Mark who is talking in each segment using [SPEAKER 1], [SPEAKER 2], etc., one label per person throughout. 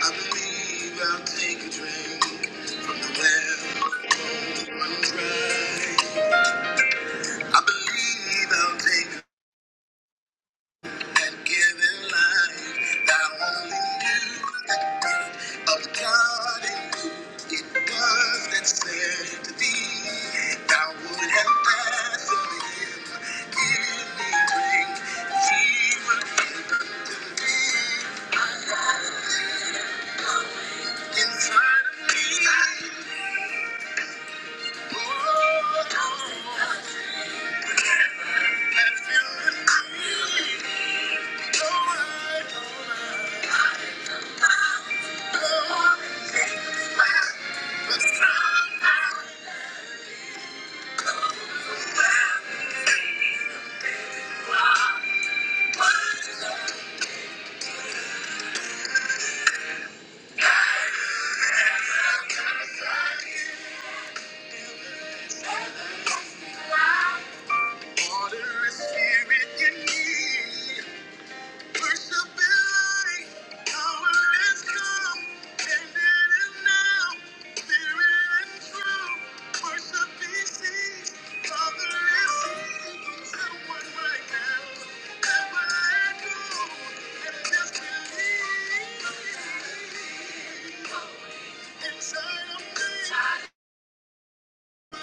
[SPEAKER 1] I believe I'll take a drink from the well run dry. I believe I'll take that given life that I only knew that the gift of God in me. It does that said to thee, thou would have passed from him. Give me drink, ye were given to me. Inside of me, oh, oh, Inside of me. I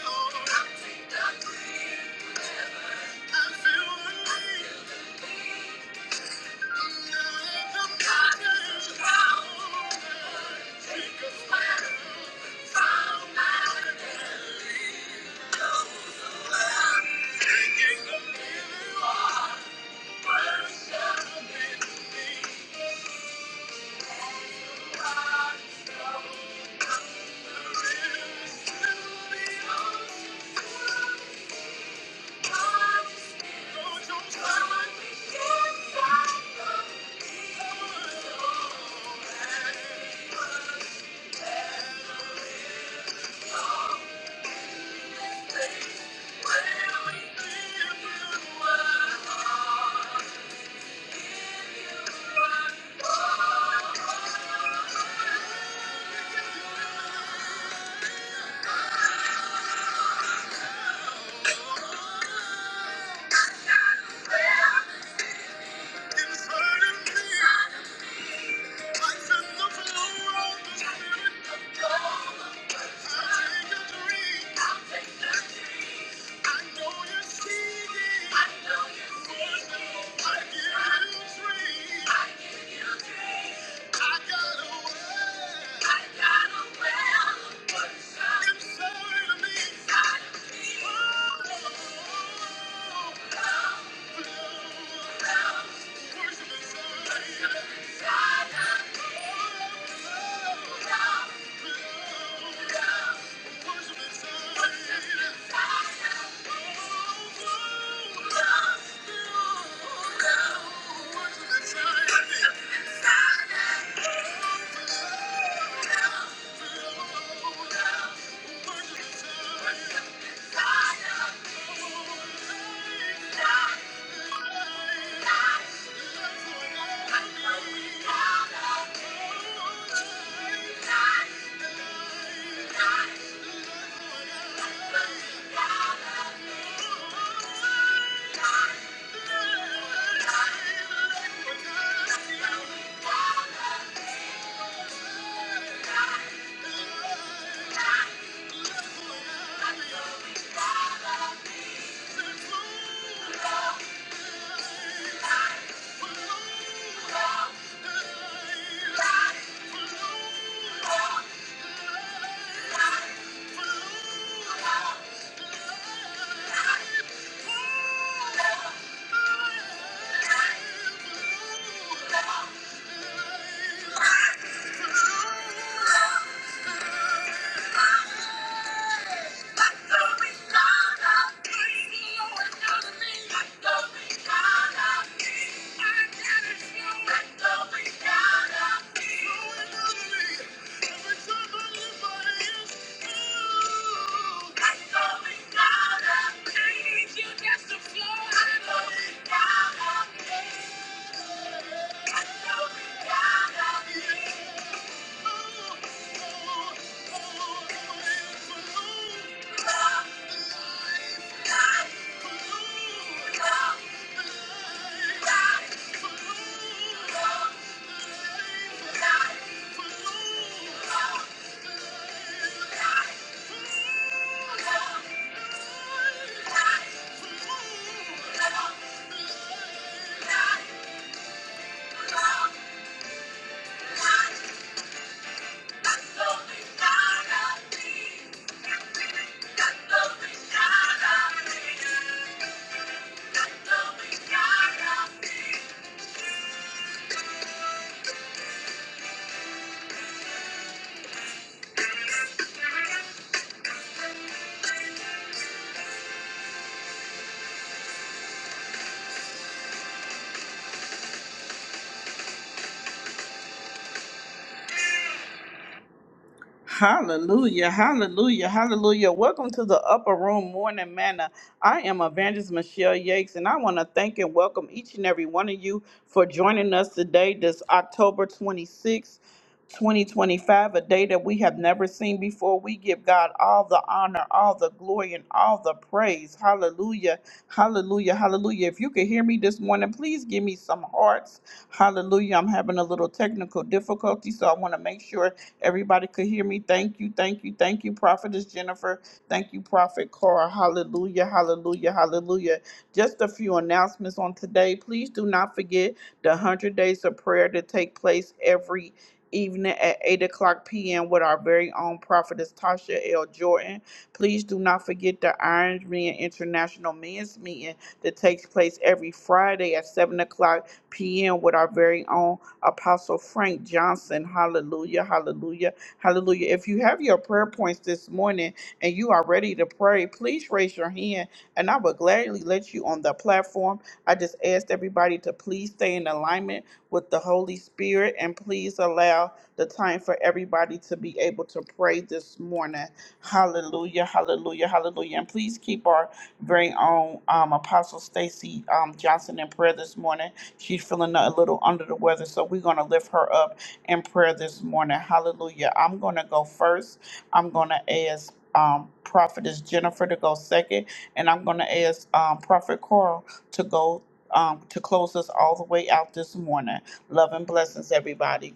[SPEAKER 1] know you see it. Yeah. Thank you. Thank you. Thank you. Yeah. Thank you. Thank you. Hallelujah, hallelujah, hallelujah. Welcome to the Upper Room Morning Manna. I am Evangelist Michelle Yakes, and I want to thank and welcome each and every one of you for joining us today, this October 26th. 2025, a day that we have never seen before. We give God all the honor, all the glory, and all the praise. Hallelujah. Hallelujah. Hallelujah. If you can hear me this morning, please give me some hearts. Hallelujah. I'm having a little technical difficulty, so I want to make sure Everybody could hear me. Thank you, thank you, thank you, Prophetess Jennifer. Thank you, Prophet Cora. Hallelujah, hallelujah, hallelujah. Just a few announcements on today. Please do not forget the 100 Days of Prayer to take place every evening at 8 o'clock p.m. with our very own prophetess Tasha L. Jordan. Please do not forget the Iron Man International Men's Meeting that takes place every Friday at 7 o'clock p.m. with our very own Apostle Frank Johnson. Hallelujah, hallelujah, hallelujah. If you have your prayer points this morning and you are ready to pray, please raise your hand and I will gladly let you on the platform. I just asked everybody to please stay in alignment with the Holy Spirit and please allow the time for everybody to be able to pray this morning. Hallelujah, hallelujah, hallelujah. And please keep our very own um, Apostle Stacy um, Johnson in prayer this morning. She's feeling a little under the weather, so we're going to lift her up in prayer this morning. Hallelujah. I'm going to go first. I'm going to ask um, Prophetess Jennifer to go second, and I'm going to ask um, Prophet Coral to go um, to close us all the way out this morning. Love and blessings, everybody.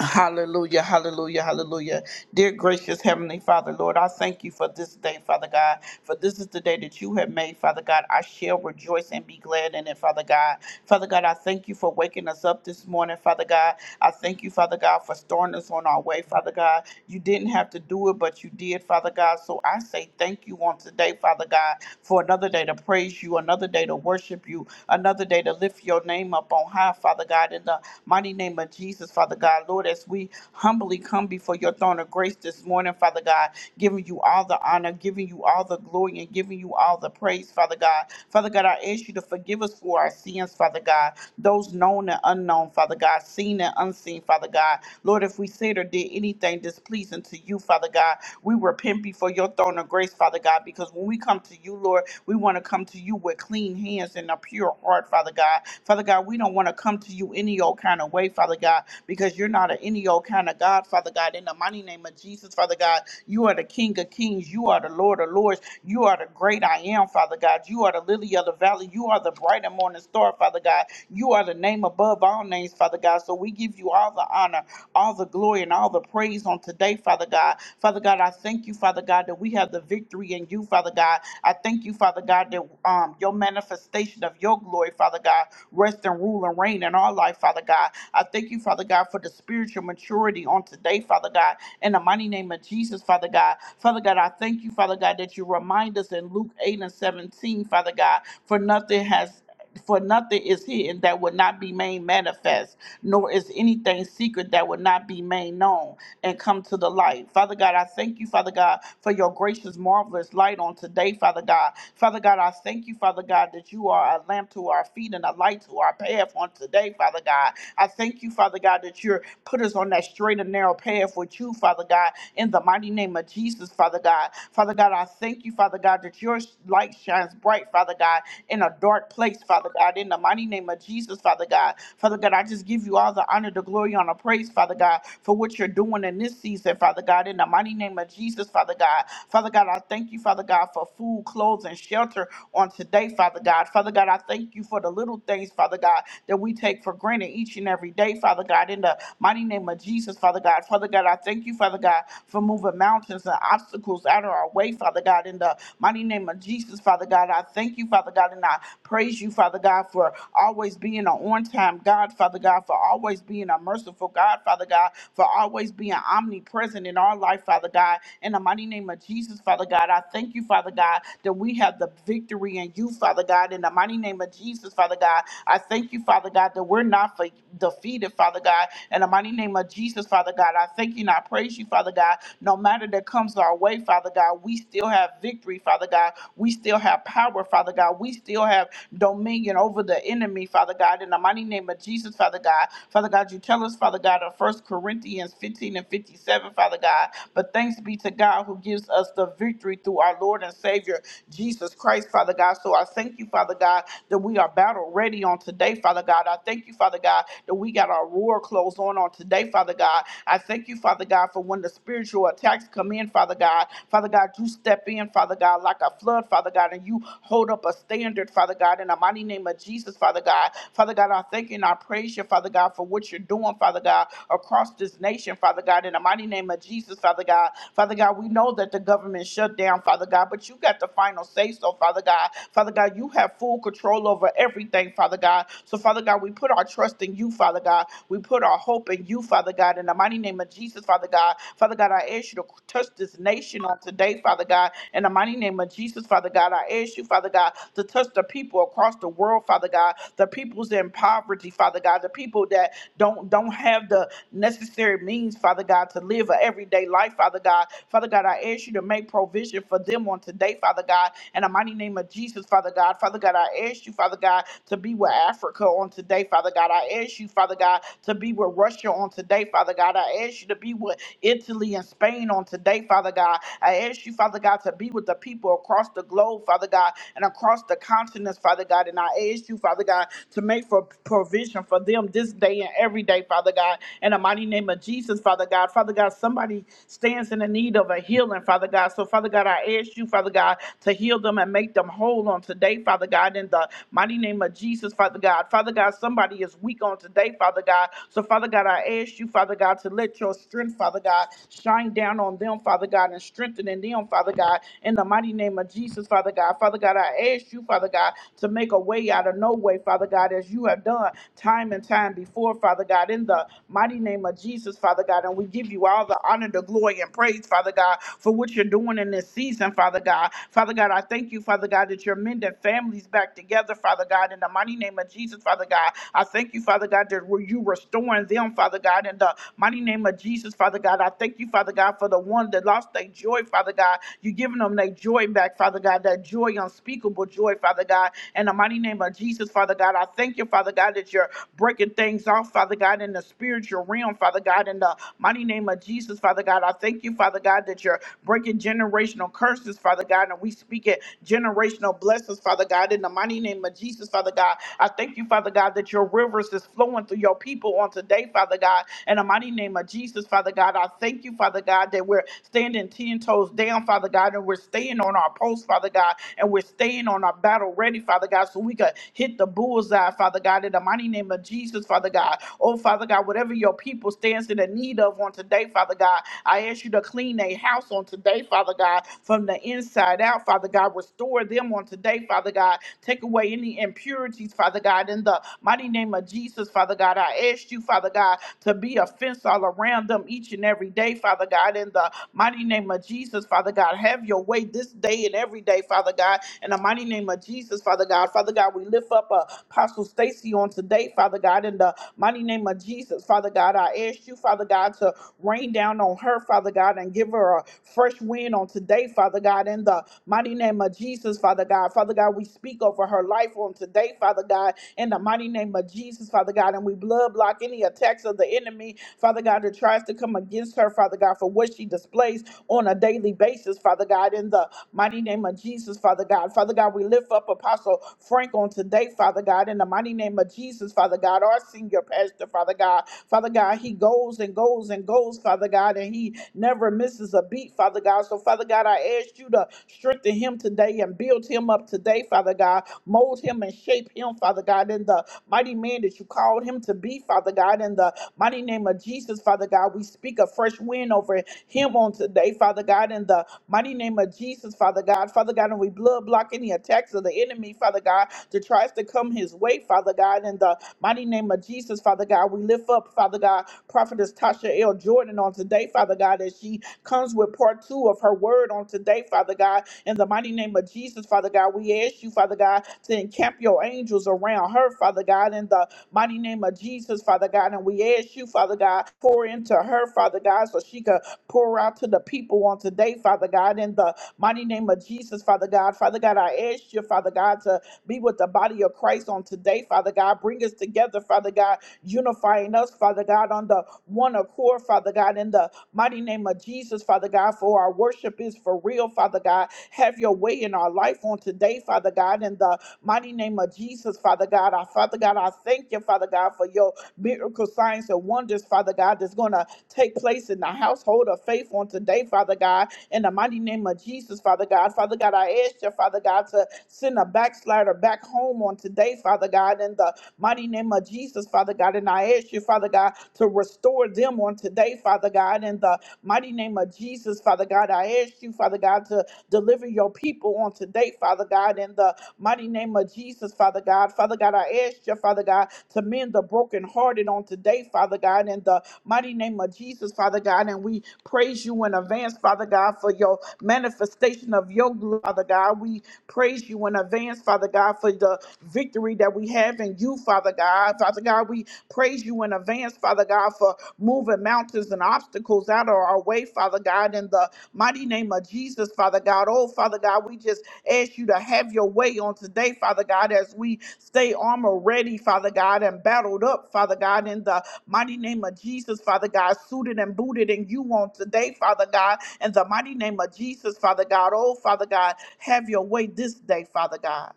[SPEAKER 1] Hallelujah, hallelujah, hallelujah. Dear gracious Heavenly Father, Lord, I thank you for this day, Father God, for this is the day that you have made, Father God. I shall rejoice and be glad in it, Father God. Father God, I thank you for waking us up this morning, Father God. I thank you, Father God, for starting us on our way, Father God. You didn't have to do it, but you did, Father God. So I say thank you on today, Father God, for another day to praise you, another day to worship you, another day to lift your name up on high, Father God, in the mighty name of Jesus, Father God. Lord, as we humbly come before your throne of grace this morning, Father God, giving you all the honor, giving you all the glory, and giving you all the praise, Father God. Father God, I ask you to forgive us for our sins, Father God, those known and unknown, Father God, seen and unseen, Father God. Lord, if we said or did anything displeasing to you, Father God, we repent before your throne throne of grace, Father God, because when we come to you, Lord, we want to come to you with clean hands and a pure heart, Father God. Father God, we don't want to come to you any old kind of way, Father God, because you're not an any old kind of God, Father God. In the mighty name of Jesus, Father God, you are the King of Kings. You are the Lord of Lords. You are the great I am, Father God. You are the lily of the valley. You are the bright and morning star, Father God. You are the name above all names, Father God. So we give you all the honor honor, all the glory, and all the praise on today, Father God. Father God, I thank you, Father God, that we have the victory in you, Father God. I thank you, Father God, that um, your manifestation of your glory, Father God, rest and rule and reign in our life, Father God. I thank you, Father God, for the spiritual maturity on today, Father God, in the mighty name of Jesus, Father God. Father God, I thank you, Father God, that you remind us in Luke 8 and 17, Father God, for nothing has for nothing is hidden that would not be made manifest, nor is anything secret that would not be made known and come to the light. Father God, I thank you, Father God, for your gracious, marvelous light on today, Father God. Father God, I thank you, Father God, that you are a lamp to our feet and a light to our path on today, Father God. I thank you, Father God, that you're put us on that straight and narrow path with you, Father God, in the mighty name of Jesus, Father God. Father God, I thank you, Father God, that your light shines bright, Father God, in a dark place, Father. Father God, in the mighty name of Jesus, Father God. Father God, I just give you all the honor, the glory, honor, praise, Father God, for what you're doing in this season, Father God, in the mighty name of Jesus, Father God. Father God, I thank you, Father God, for food, clothes, and shelter on today, Father God. Father God, I thank you for the little things, Father God, that we take for granted each and every day, Father God, in the mighty name of Jesus, Father God. Father God, I thank you, Father God, for moving mountains and obstacles out of our way, Father God, in the mighty name of Jesus, Father God. I thank you, Father God, and I praise you, Father. Father God, for always being an on time God, Father God, for always being a merciful God, Father God, for always being omnipresent in our life, Father God. In the mighty name of Jesus, Father God, I thank you, Father God, that we have the victory in you, Father God. In the mighty name of Jesus, Father God, I thank you, Father God, that we're not fe- defeated, Father God. In the mighty name of Jesus, Father God, I thank you and I praise you, Father God. No matter that comes our way, Father God, we still have victory, Father God. We still have power, Father God. We still have dominion dominion over the enemy, Father God, in the mighty name of Jesus, Father God. Father God, you tell us, Father God, in First Corinthians 15 and 57, Father God, but thanks be to God who gives us the victory through our Lord and Savior, Jesus Christ, Father God. So I thank you, Father God, that we are battle ready on today, Father God. I thank you, Father God, that we got our war clothes on on today, Father God. I thank you, Father God, for when the spiritual attacks come in, Father God. Father God, you step in, Father God, like a flood, Father God, and you hold up a standard, Father God, in the mighty mighty name of Jesus, Father God. Father God, I thank you and I praise you, Father God, for what you're doing, Father God, across this nation, Father God, in the mighty name of Jesus, Father God. Father God, we know that the government shut down, Father God, but you got the final say so, Father God. Father God, you have full control over everything, Father God. So, Father God, we put our trust in you, Father God. We put our hope in you, Father God, in the mighty name of Jesus, Father God. Father God, I ask you to touch this nation on today, Father God, in the mighty name of Jesus, Father God. I ask you, Father God, to touch the people across the across the world, Father God, the peoples in poverty, Father God, the people that don't don't have the necessary means, Father God, to live an everyday life, Father God. Father God, I ask you to make provision for them on today, Father God, in the mighty name of Jesus, Father God. Father God, I ask you, Father God, to be with Africa on today, Father God. I ask you, Father God, to be with Russia on today, Father God. I ask you to be with Italy and Spain on today, Father God. I ask you, Father God, to be with the people across the globe, Father God, and across the continents, Father God. God. And I ask you, Father God, to make for provision for them this day and every day, Father God. In the mighty name of Jesus, Father God. Father God, somebody stands in the need of a healing, Father God. So, Father God, I ask you, Father God, to heal them and make them whole on today, Father God. In the mighty name of Jesus, Father God. Father God, somebody is weak on today, Father God. So, Father God, I ask you, Father God, to let your strength, Father God, shine down on them, Father God, and strengthen in them, Father God. In the mighty name of Jesus, Father God. Father God, I ask you, Father God, to make a make a way out of no way, Father God, as you have done time and time before, Father God, in the mighty name of Jesus, Father God. And we give you all the honor, the glory, and praise, Father God, for what you're doing in this season, Father God. Father God, I thank you, Father God, that you're mending families back together, Father God, in the mighty name of Jesus, Father God. I thank you, Father God, that were you restoring them, Father God, in the mighty name of Jesus, Father God. I thank you, Father God, for the one that lost their joy, Father God. You're giving them their joy back, Father God, that joy, unspeakable joy, Father God in the mighty name of Jesus, Father God. I thank you, Father God, that you're breaking things off, Father God, in the spiritual realm, Father God, in the mighty name of Jesus, Father God. I thank you, Father God, that you're breaking generational curses, Father God, and we speak it generational blessings, Father God, in the mighty name of Jesus, Father God. I thank you, Father God, that your rivers is flowing through your people on today, Father God, in the mighty name of Jesus, Father God. I thank you, Father God, that we're standing 10 toes down, Father God, and we're staying on our post, Father God, and we're staying on our battle ready, Father God. God, so we could hit the bullseye, Father God, in the mighty name of Jesus, Father God. Oh, Father God, whatever your people stands in the need of on today, Father God, I ask you to clean their house on today, Father God, from the inside out, Father God. Restore them on today, Father God. Take away any impurities, Father God, in the mighty name of Jesus, Father God. I ask you, Father God, to be a fence all around them each and every day, Father God, in the mighty name of Jesus, Father God. Have your way this day and every day, Father God. In the mighty name of Jesus, Father God. God. Father God, we lift up uh, Apostle Stacy on today, Father God, in the mighty name of Jesus. Father God, I ask you, Father God, to rain down on her, Father God, and give her a fresh wind on today, Father God, in the mighty name of Jesus, Father God. Father God, we speak over her life on today, Father God, in the mighty name of Jesus, Father God, and we blood block any attacks of the enemy, Father God, that tries to come against her, Father God, for what she displays on a daily basis, Father God, in the mighty name of Jesus, Father God. Father God, we lift up Apostle. Frank on today, Father God, in the mighty name of Jesus, Father God, our senior pastor, Father God. Father God, he goes and goes and goes, Father God, and he never misses a beat, Father God. So, Father God, I ask you to strengthen him today and build him up today, Father God. Mold him and shape him, Father God, in the mighty man that you called him to be, Father God, in the mighty name of Jesus, Father God. We speak a fresh wind over him on today, Father God, in the mighty name of Jesus, Father God. Father God, and we blood block any attacks of the enemy, Father. Father God, that tries to come his way, Father God. In the mighty name of Jesus, Father God, we lift up, Father God, Prophetess Tasha L. Jordan on today, Father God, as she comes with part two of her word on today, Father God. In the mighty name of Jesus, Father God, we ask you, Father God, to encamp your angels around her, Father God, in the mighty name of Jesus, Father God. And we ask you, Father God, pour into her, Father God, so she could pour out to the people on today, Father God, in the mighty name of Jesus, Father God. Father God, I ask you, Father God, to be with the body of Christ on today, Father God. Bring us together, Father God, unifying us, Father God, on the one accord, Father God, in the mighty name of Jesus, Father God, for our worship is for real, Father God. Have your way in our life on today, Father God, in the mighty name of Jesus, Father God. Our Father God, I thank you, Father God, for your miracle signs and wonders, Father God, that's going to take place in the household hold of faith on today, Father God, in the mighty name of Jesus, Father God. Father God, I ask you, Father God, to send a backslider back home on today, Father God, in the mighty name of Jesus, Father God. And I ask you, Father God, to restore them on today, Father God, in the mighty name of Jesus, Father God. I ask you, Father God, to deliver your people on today, Father God, in the mighty name of Jesus, Father God. Father Father God. I ask you, Father God, to mend the brokenhearted on today, Father God, in the mighty name of Jesus, Father God. And we praise you in advance, Father God, for your manifestation of your glory, Father God. We praise you in advance, Father God, for the victory that we have in you, Father God. Father God, we praise you in advance, Father God, for moving mountains and obstacles out of our way, Father God, in the mighty name of Jesus, Father God. Oh, Father God, we just Ask you to have your way on today, Father God, as we stay armor ready, Father God, and battled up, Father God, in the mighty name of Jesus, Father God, suited and booted in you on today, Father God, in the mighty name of Jesus, Father God. Oh, Father God, have your way this day, Father God.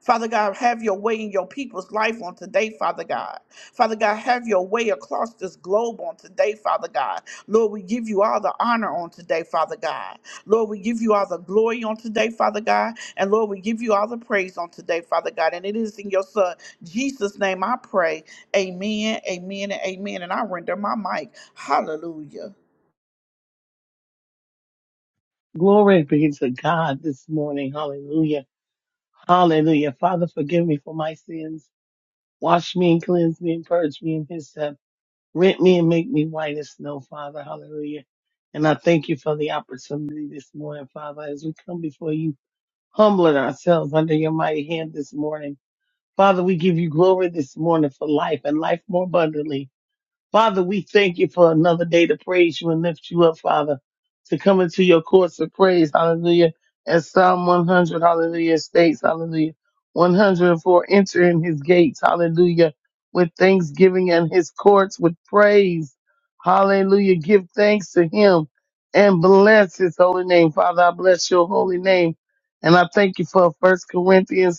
[SPEAKER 1] Father God, have your way in your people's life on today, Father God. Father God, have your way across this globe on today, Father God. Lord, we give you all the honor on today, Father God. Lord, we give you all the glory on today, Father God. And Lord, we give you all the praise on today, Father God. And it is in your Son, Jesus' name, I pray. Amen, amen, and amen. And I render my mic. Hallelujah.
[SPEAKER 2] Glory be to God this morning. Hallelujah. Hallelujah. Father, forgive me for my sins. Wash me and cleanse me and purge me in his step. Rent me and make me white as snow, Father. Hallelujah. And I thank you for the opportunity this morning, Father, as we come before you, humbling ourselves under your mighty hand this morning. Father, we give you glory this morning for life and life more abundantly. Father, we thank you for another day to praise you and lift you up, Father, to come into your courts of praise. Hallelujah. As Psalm 100, hallelujah, states, hallelujah. 104, enter in his gates, hallelujah, with thanksgiving and his courts with praise. Hallelujah. Give thanks to him and bless his holy name. Father, I bless your holy name. And I thank you for First Corinthians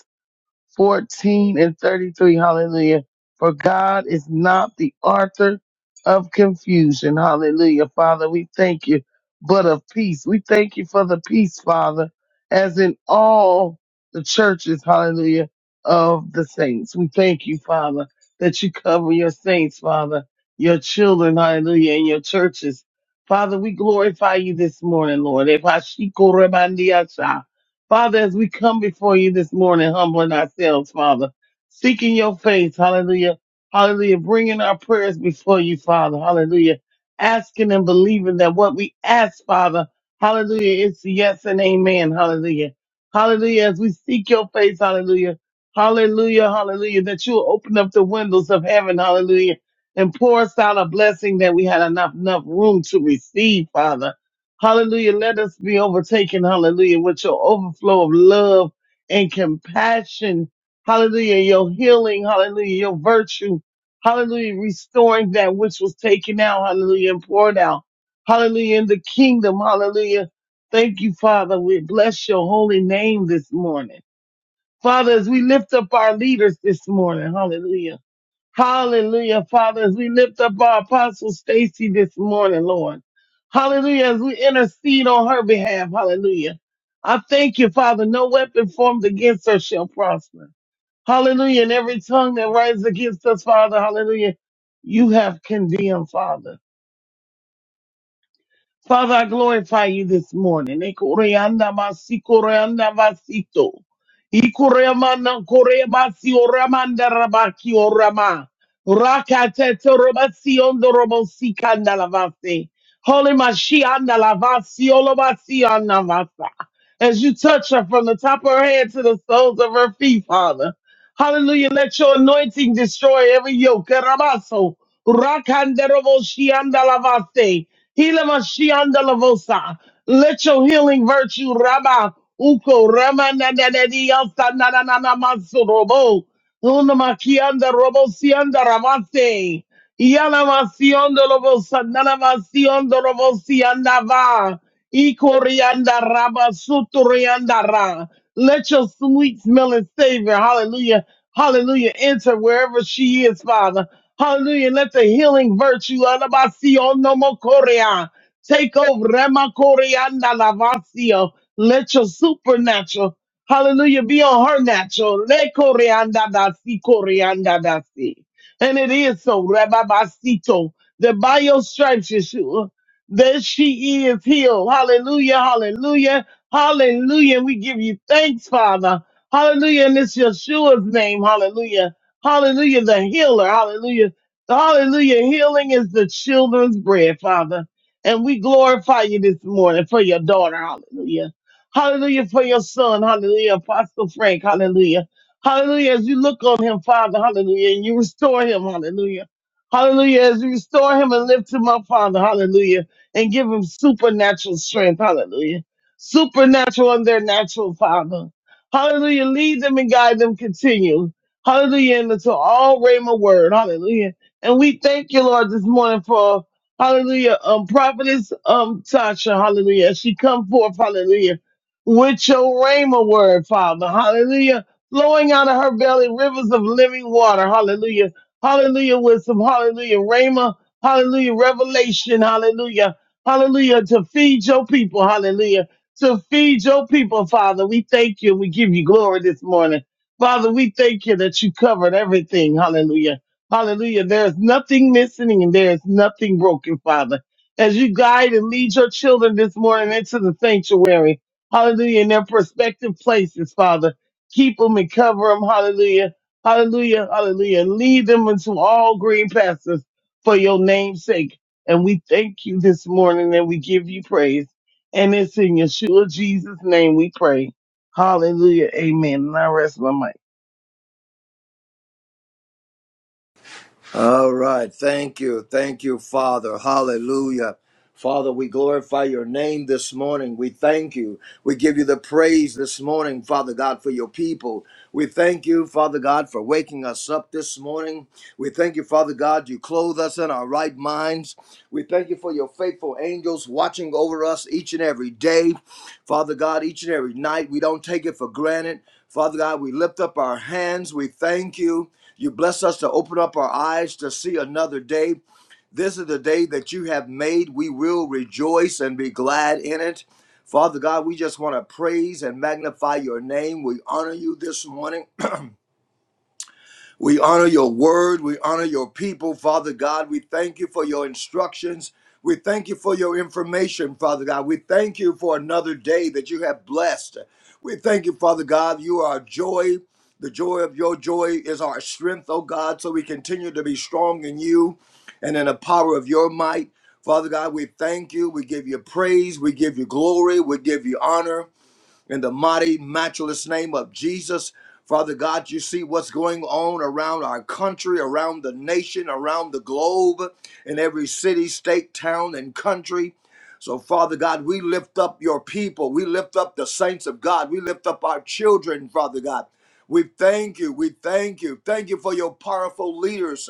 [SPEAKER 2] 14 and 33. Hallelujah. For God is not the author of confusion. Hallelujah. Father, we thank you, but of peace. We thank you for the peace, Father, as in all the churches. Hallelujah. Of the saints. We thank you, Father, that you cover your saints, Father, your children. Hallelujah. And your churches. Father, we glorify you this morning, Lord. Father, as we come before you this morning, humbling ourselves, Father, seeking your face, hallelujah, hallelujah, bringing our prayers before you, Father, hallelujah, asking and believing that what we ask, Father, hallelujah, is yes and amen, hallelujah, hallelujah, as we seek your face, hallelujah, hallelujah, hallelujah, that you'll open up the windows of heaven, hallelujah, and pour us out a blessing that we had enough, enough room to receive, Father. Hallelujah. Let us be overtaken. Hallelujah. With your overflow of love and compassion. Hallelujah. Your healing. Hallelujah. Your virtue. Hallelujah. Restoring that which was taken out. Hallelujah. And poured out. Hallelujah. In the kingdom. Hallelujah. Thank you, Father. We bless your holy name this morning. Father, as we lift up our leaders this morning. Hallelujah. Hallelujah, Father, as we lift up our apostle Stacy this morning, Lord. Hallelujah, as we intercede on her behalf. Hallelujah. I thank you, Father. No weapon formed against her shall prosper. Hallelujah. And every tongue that rises against us, Father, hallelujah, you have condemned, Father. Father, I glorify you this morning. Ekoreanda basi, koreanda basito. Ikoreamana korebasi, oramanda rabaki, orama. Rakatete robasi, ondo robosi, kanda lavase. Holy Mashianda lavasi, olobasi, anavasa. As you touch her from the top of her head to the soles of her feet, Father. Hallelujah. Let your anointing destroy every yoke. Rabaso. Rakandaroboshiandalavase. Hilamashiandalavosa. Let your healing virtue, Rabba, Uko, Ramananadiyansanananamansorobo. Unamakianda Robosianda Ramate. Yanamasiondo Lobosandana Masiondo Robosianda Va. Ikorianda Raba Suturianda Ra. Let your sweet smelling Savior, hallelujah, hallelujah, enter wherever she is, Father. Hallelujah. Let the healing virtue Anabasiondo Mokoria take over Remakorianda Lavasio. Let your supernatural Hallelujah. Be on her natural. Le coreanda da si coreanda da si. And it is so, Rabbi Basito, that by your stripes, Yeshua, that she is healed. Hallelujah. Hallelujah. Hallelujah. We give you thanks, Father. Hallelujah. And it's Yeshua's name. Hallelujah. Hallelujah. The healer. Hallelujah. Hallelujah. Healing is the children's bread, Father. And we glorify you this morning for your daughter. Hallelujah. Hallelujah for your son. Hallelujah. Apostle Frank. Hallelujah. Hallelujah. As you look on him, Father. Hallelujah. And you restore him. Hallelujah. Hallelujah. As you restore him and lift him up, Father. Hallelujah. And give him supernatural strength. Hallelujah. Supernatural and their natural, Father. Hallelujah. Lead them and guide them. Continue. Hallelujah. And to all Rhema word. Hallelujah. And we thank you, Lord, this morning for Hallelujah. Um, prophetess um Tasha, hallelujah. As she come forth, hallelujah with your rhema word, Father. Hallelujah. Flowing out of her belly, rivers of living water. Hallelujah. Hallelujah. Wisdom. Hallelujah. Rhema. Hallelujah. Revelation. Hallelujah. Hallelujah. To feed your people. Hallelujah. To feed your people, Father. We thank you. We give you glory this morning. Father, we thank you that you covered everything. Hallelujah. Hallelujah. There's nothing missing and there's nothing broken, Father. As you guide and lead your children this morning into the sanctuary, hallelujah, in their prospective places, Father. Keep them and cover them, hallelujah, hallelujah, hallelujah. And lead them into all green pastures for your name's sake. And we thank you this morning and we give you praise. And it's in Yeshua Jesus' name we pray. Hallelujah. Amen. And I rest my mic.
[SPEAKER 3] All right. Thank you. Thank you, Father. Hallelujah. Father, we glorify your name this morning. We thank you. We give you the praise this morning, Father God, for your people. We thank you, Father God, for waking us up this morning. We thank you, Father God, you clothe us in our right minds. We thank you for your faithful angels watching over us each and every day. Father God, each and every night, we don't take it for granted. Father God, we lift up our hands. We thank you. You bless us to open up our eyes to see another day. This is the day that you have made. We will rejoice and be glad in it. Father God, we just want to praise and magnify your name. We honor you this morning. We honor your word. We honor your people, Father God. We thank you for your instructions. We thank you for your information, Father God. We thank you for another day that you have blessed. We thank you, Father God. You are our joy. The joy of your joy is our strength, oh God. So we continue to be strong in you and in the power of your might. Father God, we thank you. We give you praise. We give you glory. We give you honor in the mighty, matchless name of Jesus. Father God, you see what's going on around our country, around the nation, around the globe, in every city, state, town, and country. So, Father God, we lift up your people. We lift up the saints of God. We lift up our children, Father God. We thank you. We thank you. Thank you for your powerful leaders.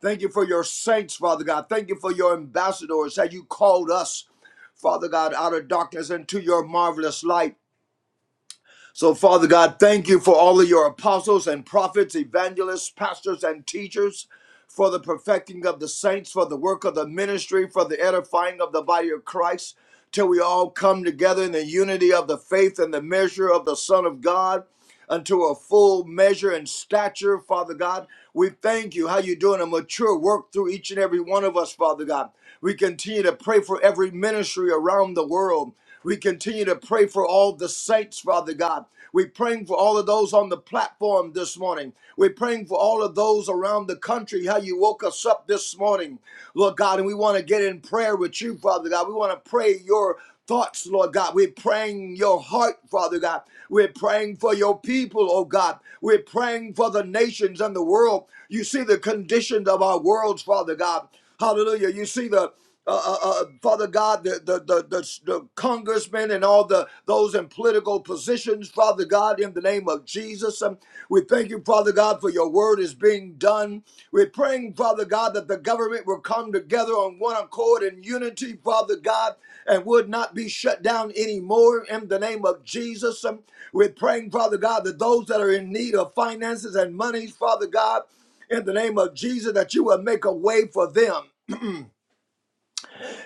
[SPEAKER 3] Thank you for your saints, Father God. Thank you for your ambassadors that you called us, Father God, out of darkness into your marvelous light. So, Father God, thank you for all of your apostles and prophets, evangelists, pastors, and teachers, for the perfecting of the saints, for the work of the ministry, for the edifying of the body of Christ, till we all come together in the unity of the faith and the measure of the Son of God unto a full measure and stature, Father God. We thank you how you're doing a mature work through each and every one of us, Father God. We continue to pray for every ministry around the world. We continue to pray for all the saints, Father God. We're praying for all of those on the platform this morning. We're praying for all of those around the country, how you woke us up this morning, Lord God. And we want to get in prayer with you, Father God. We want to pray your thoughts, Lord God. We're praying your heart, Father God. We're praying for your people, oh God. We're praying for the nations and the world. You see the conditions of our worlds, Father God. Hallelujah. You see the uh, uh, uh, Father God, the the, the the the congressmen and all the those in political positions, Father God. God, in the name of Jesus. Um, We thank you, Father God, for your word is being done. We're praying, Father God, that the government will come together on one accord in unity, Father God, and would not be shut down anymore in the name of Jesus. Um, We're praying, Father God, that those that are in need of finances and monies, Father God, in the name of Jesus, that you will make a way for them.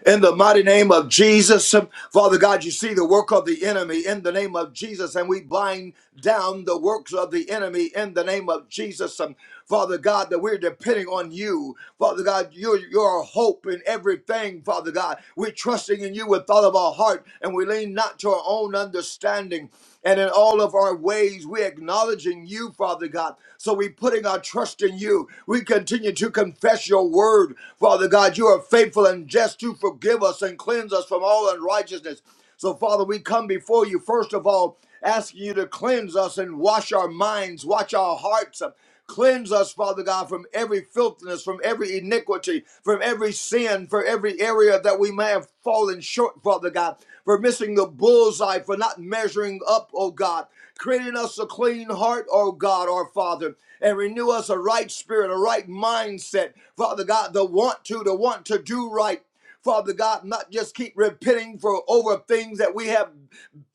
[SPEAKER 3] In the mighty name of Jesus, Father God, you see the work of the enemy in the name of Jesus, and we bind down the works of the enemy in the name of Jesus. Um, Father God, that we're depending on you. Father God, you're, you're our hope in everything, Father God. We're trusting in you with all of our heart, and we lean not to our own understanding. And in all of our ways, we're acknowledging you, Father God. So we're putting our trust in you. We continue to confess your word, Father God. You are faithful and just to forgive us and cleanse us from all unrighteousness. So, Father, we come before you, first of all, asking you to cleanse us and wash our minds, wash our hearts. Cleanse us, Father God, from every filthiness, from every iniquity, from every sin, for every area that we may have fallen short, Father God for missing the bullseye, for not measuring up, oh God. Create in us a clean heart, oh God, our Father, and renew us a right spirit, a right mindset, Father God, the want to, the want to do right. Father God, not just keep repenting for over things that we have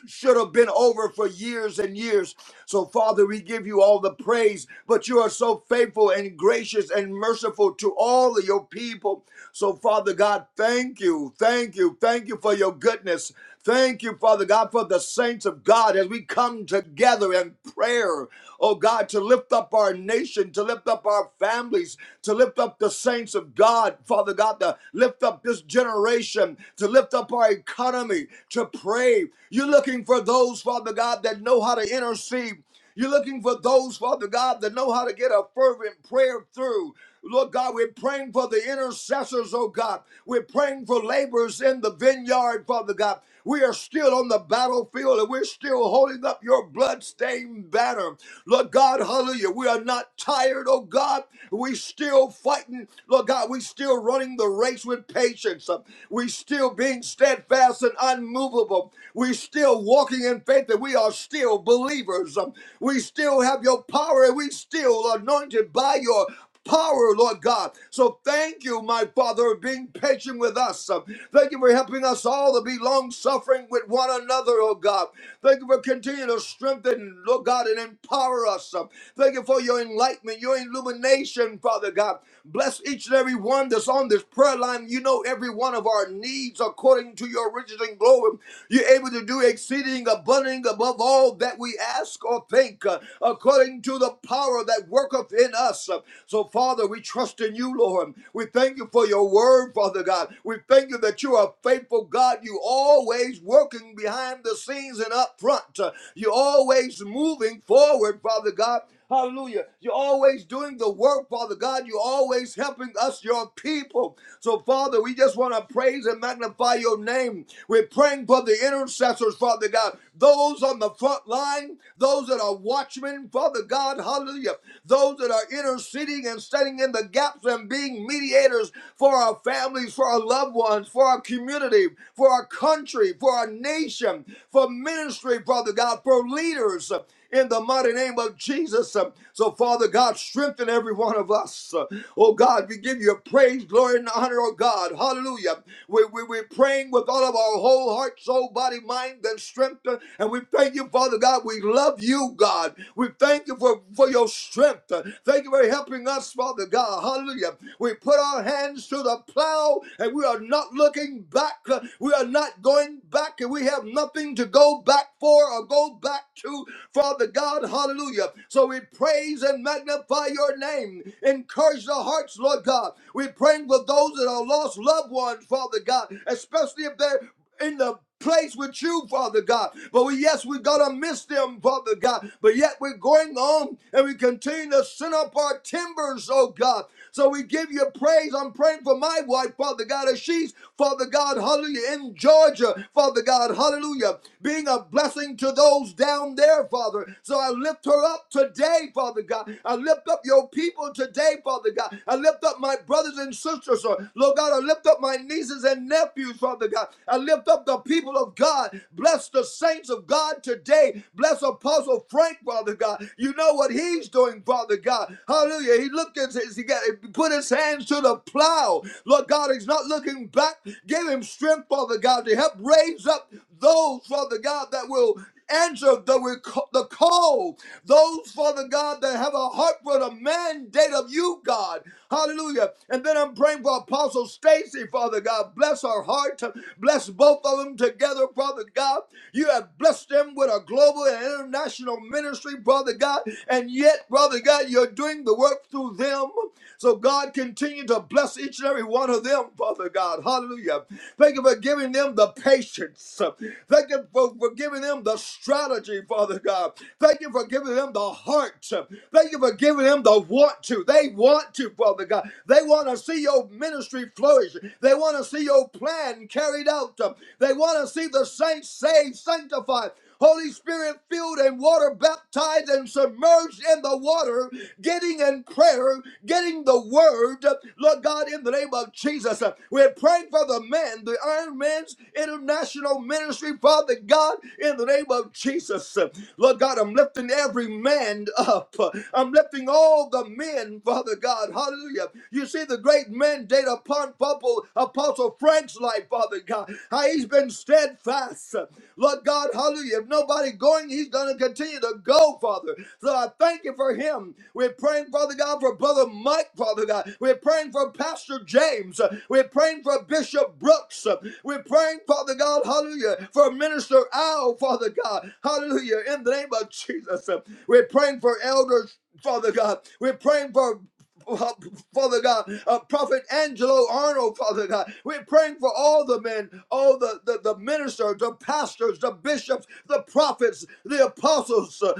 [SPEAKER 3] should have been over for years and years. So, Father, we give you all the praise, but you are so faithful and gracious and merciful to all of your people. So, Father God, thank you, thank you, thank you for your goodness. Thank you, Father God, for the saints of God as we come together in prayer, oh God, to lift up our nation, to lift up our families, to lift up the saints of God, Father God, to lift up this generation, to lift up our economy, to pray brave. You're looking for those, Father God, that know how to intercede. You're looking for those, Father God, that know how to get a fervent prayer through. Lord God, we're praying for the intercessors, oh God. We're praying for laborers in the vineyard, Father God. We are still on the battlefield and we're still holding up your bloodstained banner. Lord God, hallelujah. We are not tired, oh God. We still fighting. Lord God, we still running the race with patience. We still being steadfast and unmovable. We're still walking in faith that we are still believers. Um, We still have your power and we still anointed by your power, Lord God. So thank you, my Father, for being patient with us. Um, Thank you for helping us all to be long suffering with one another, oh God. Thank you for continuing to strengthen, Lord God, and empower us. Um, Thank you for your enlightenment, your illumination, Father God. Bless each and every one that's on this prayer line. You know every one of our needs according according to your riches and glory. You're able to do exceeding abundant above all that we ask or think, uh, according to the power that worketh in us. Uh, So, Father, we trust in you, Lord. We thank you for your word, Father God. We thank you that you are a faithful God. You always working behind the scenes and up front. Uh, You're always moving forward, Father God. Hallelujah. You're always doing the work, Father God. You're always helping us, your people. So, Father, we just want to praise and magnify your name. We're praying for the intercessors, Father God. Those on the front line, those that are watchmen, Father God, hallelujah. Those that are interceding and standing in the gaps and being mediators for our families, for our loved ones, for our community, for our country, for our nation, for ministry, Father God, for leaders in the mighty name of Jesus. Uh, So, Father God, strengthen every one of us. Uh, Oh God, we give you praise, glory, and honor, oh God. Hallelujah. We, we, we're praying with all of our whole heart, soul, body, mind, and strength. Uh, And we thank you, Father God. We love you, God. We thank you for, for your strength. Uh, Thank you for helping us, Father God. Hallelujah. We put our hands to the plow and we are not looking back. Uh, We are not going back back and we have nothing to go back for or go back to, Father God. Hallelujah. So we praise and magnify your name. Encourage the hearts, Lord God. We're praying for those that are lost loved ones, Father God, especially if they're in the place with you, Father God. But we, yes, we're gonna miss them, Father God. But yet we're going on and we continue to send up our timbers, oh God. So we give you praise. I'm praying for my my wife, Father God, as she's, Father God, hallelujah, in Georgia, Father God, hallelujah, being a blessing to those down there, Father. So I lift her up today, Father God. I lift up your people today, Father God. I lift up my brothers and sisters, uh, Lord God. I lift up my nieces and nephews, Father God. I lift up the people of God. Bless the saints of God today. Bless Apostle Frank, Father God. You know what he's doing, Father God. Hallelujah. He looked at his, he, got, he put his hands to the plow. Lord God, he's not looking back. Give him strength, Father God, to help raise up those, Father God, that will answer the, rec- the call. Those, Father God, that have a heart for the mandate of you, God. Hallelujah. And then I'm praying for Apostle Stacy, Father God. Bless her heart. Bless both of them together, Father God. You have blessed them with a global global and international ministry, brother God. And yet, brother God, you're doing the work through them. So, God, continue to bless each and every one of them, brother God. Hallelujah. Thank you for giving them the patience. Thank you for, for giving them the strategy, Father God. Thank you for giving them the heart. Thank you for giving them the want to. They want to, Father God. They want to see your ministry flourish. They want to see your plan carried out. They want to see the saints saved, sanctified. Holy Spirit filled and water baptized and submerged in the water, getting in prayer, getting the word. Lord God, in the name of Jesus, uh, we're praying for the men, the Iron Man's International Ministry, Father God, in the name of Jesus. Uh, Lord God, I'm lifting every man up. Uh, I'm lifting all the men, Father God. Hallelujah. You see the great mandate upon Papa example, Apostle Frank's life, Father God, how he's been steadfast. Lord God, hallelujah. If nobody going, he's going to continue to go, Father. So I thank you for him. We're praying, Father God, for Brother Mike, Father God. We're praying for Pastor James. We're praying for Bishop Brooks. We're praying, Father God, hallelujah, for Minister Al, Father God. Hallelujah. In the name of Jesus. We're praying for elders. Father God, we're praying for uh, Father God, uh, Prophet Angelo Arnold, Father God. We're praying for all the men, all the, the, the ministers, the pastors, the bishops, the prophets, the apostles. uh,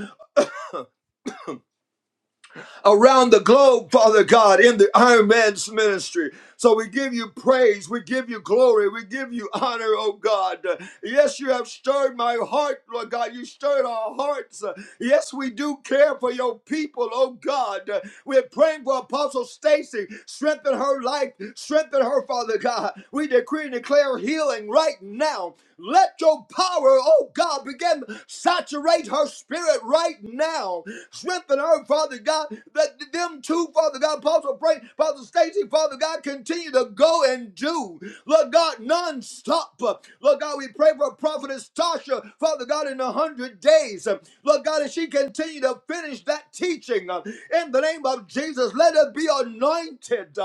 [SPEAKER 3] around the globe, Father God, in the Iron Man's ministry. So we give you praise, we give you glory, we give you honor, oh God. Yes, you have stirred my heart, Lord God. You stirred our hearts. Yes, we do care for your people, oh God. We're praying for Apostle Stacy. Strengthen her life, strengthen her, Father God. We decree and declare healing right now let your power, oh God, begin to saturate her spirit right now. Strengthen her, Father God, that them two, Father God, Apostle Frank, Father Stacy, Father God, continue to go and do. Lord God, non-stop. Lord God, we pray for Prophetess Tasha, Father God, in a hundred days. Lord God, as she continue to finish that teaching, in the name of Jesus, let it be anointed.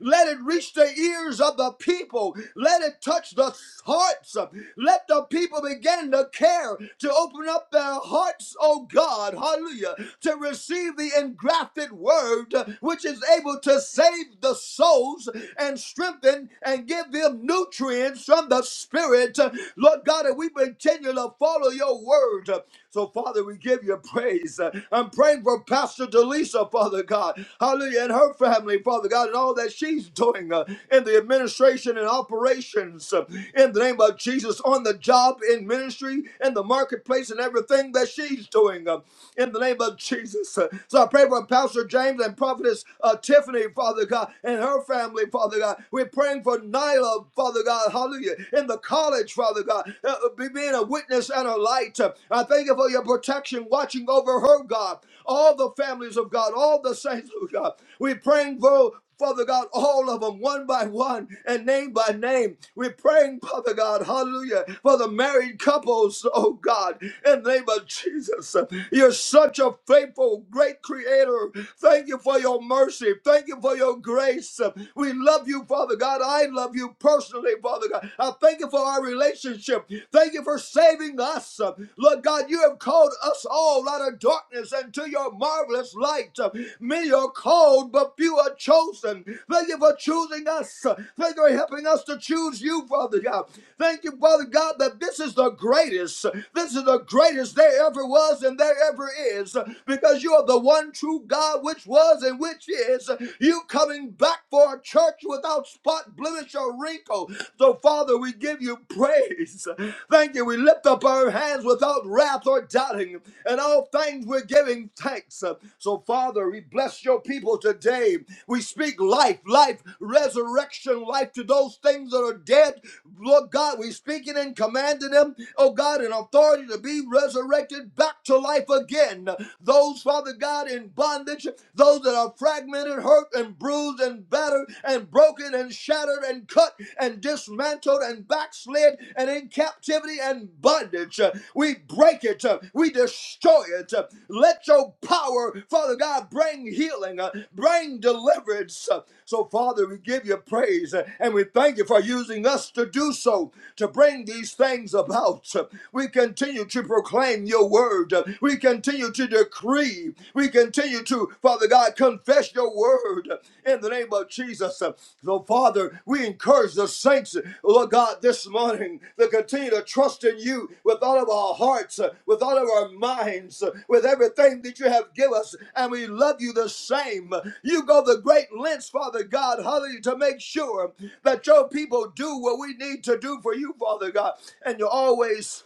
[SPEAKER 3] Let it reach the ears ears of the people. Let it touch the hearts. Let the people begin to care, to open up their hearts, oh God, hallelujah, to receive the engrafted word which is able to save the souls and strengthen and give them nutrients from the Spirit. Lord God, and we continue to follow your word. So, Father, we give you praise. I'm praying for Pastor Delisa, Father God hallelujah, and her family, Father God, and all that she's doing uh, in the administration and operations uh, in the name of Jesus on the job, in ministry, in the marketplace, and everything that she's doing uh, in the name of Jesus. Uh, so I pray for Pastor James and Prophetess uh, Tiffany, Father God, and her family, Father God. We're praying for Nyla, Father God, hallelujah, in the college, Father God, uh, being a witness and a light. Uh, I thank you for your protection Watch watching over her, God. All the families of God, all the saints of God. We're praying for, Father God, all of them one by one and name by name. We're praying, Father God, hallelujah, for the married couples, oh God, in the name of Jesus. You're such a faithful, great creator. Thank you for your mercy. Thank you for your grace. We love you, Father God. I love you personally, Father God. I thank you for our relationship. Thank thank you for saving us. Lord God, you have called us all out of darkness into your marvelous light. Many are called, but few are chosen. Thank you for choosing us. Thank you for helping us to choose you, Father God. Thank you, Father God, that this is the greatest. This is the greatest there ever was and there ever is because you are the one true God, which was and which is. You coming back for a church without spot, blemish, without your wrinkle. So, Father, we give you praise. Thank you. We lift up our hands without wrath or doubting. And all things we're giving thanks. So, Father, we bless your people today. We speak life, life, resurrection, life to those things that are dead. Lord God, we speak it and commanding them, oh God, in authority to be resurrected back to life again. Those, Father God, in bondage, those that are fragmented, and hurt and bruised and battered and broken and shattered and cut and dismantled and backslid and in captivity and bondage. Uh, We break it. Uh, We destroy it. Uh, Let your power, Father God, bring healing, uh, bring deliverance. Uh, So, Father, we give you praise uh, and we thank you for using us to do so, to bring these things about. Uh, We continue to proclaim your word. Uh, We continue to to decree. We continue to, Father God, confess your word in the name of Jesus. So, Father, we encourage the saints, Lord God, this morning to continue to trust in you with all of our hearts, with all of our minds, with everything that you have given us. And we love you the same. You go the great lengths, Father God, hallelujah, to make sure that your people do what we need to do for you, Father God. And you're always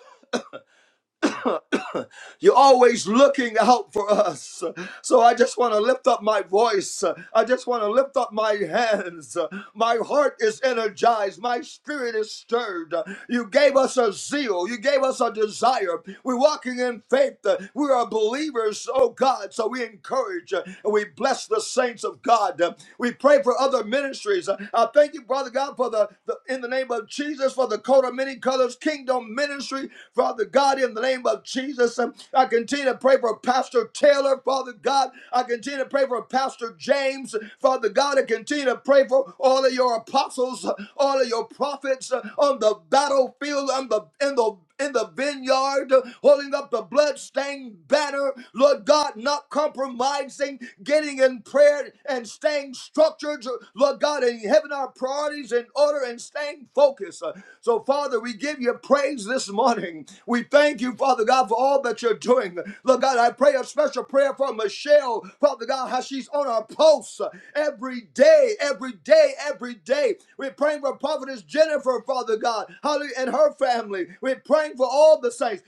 [SPEAKER 3] you're always looking out for us. So I just want to lift up my voice. I just want to lift up my hands. My heart is energized. My spirit is stirred. You gave us a zeal. You gave us a desire. We're walking in faith. We are believers, oh God. So we encourage and we bless the saints of God. We pray for other ministries. I thank you, Brother God, for the, the in the name of Jesus, for the coat of many colors kingdom ministry. Father God, in the name of Jesus of Jesus. Um, I continue to pray for Pastor Taylor, Father God. I continue to pray for Pastor James, Father God. I continue to pray for all of your apostles, uh, all of your prophets uh, on the battlefield, on the in the in the vineyard, uh, holding up the bloodstained banner, Lord God, not compromising, getting in prayer and staying structured, Lord God, and having our priorities in order and staying focused. Uh, So, Father, we give you praise this morning. We thank Thank you, Father God, for all that you're doing. Lord God, I pray a special prayer for Michelle, Father God, how she's on our pulse every day, every day, every day. We're praying for Prophetess Jennifer, Father God, Holly and her family. We're praying for all the saints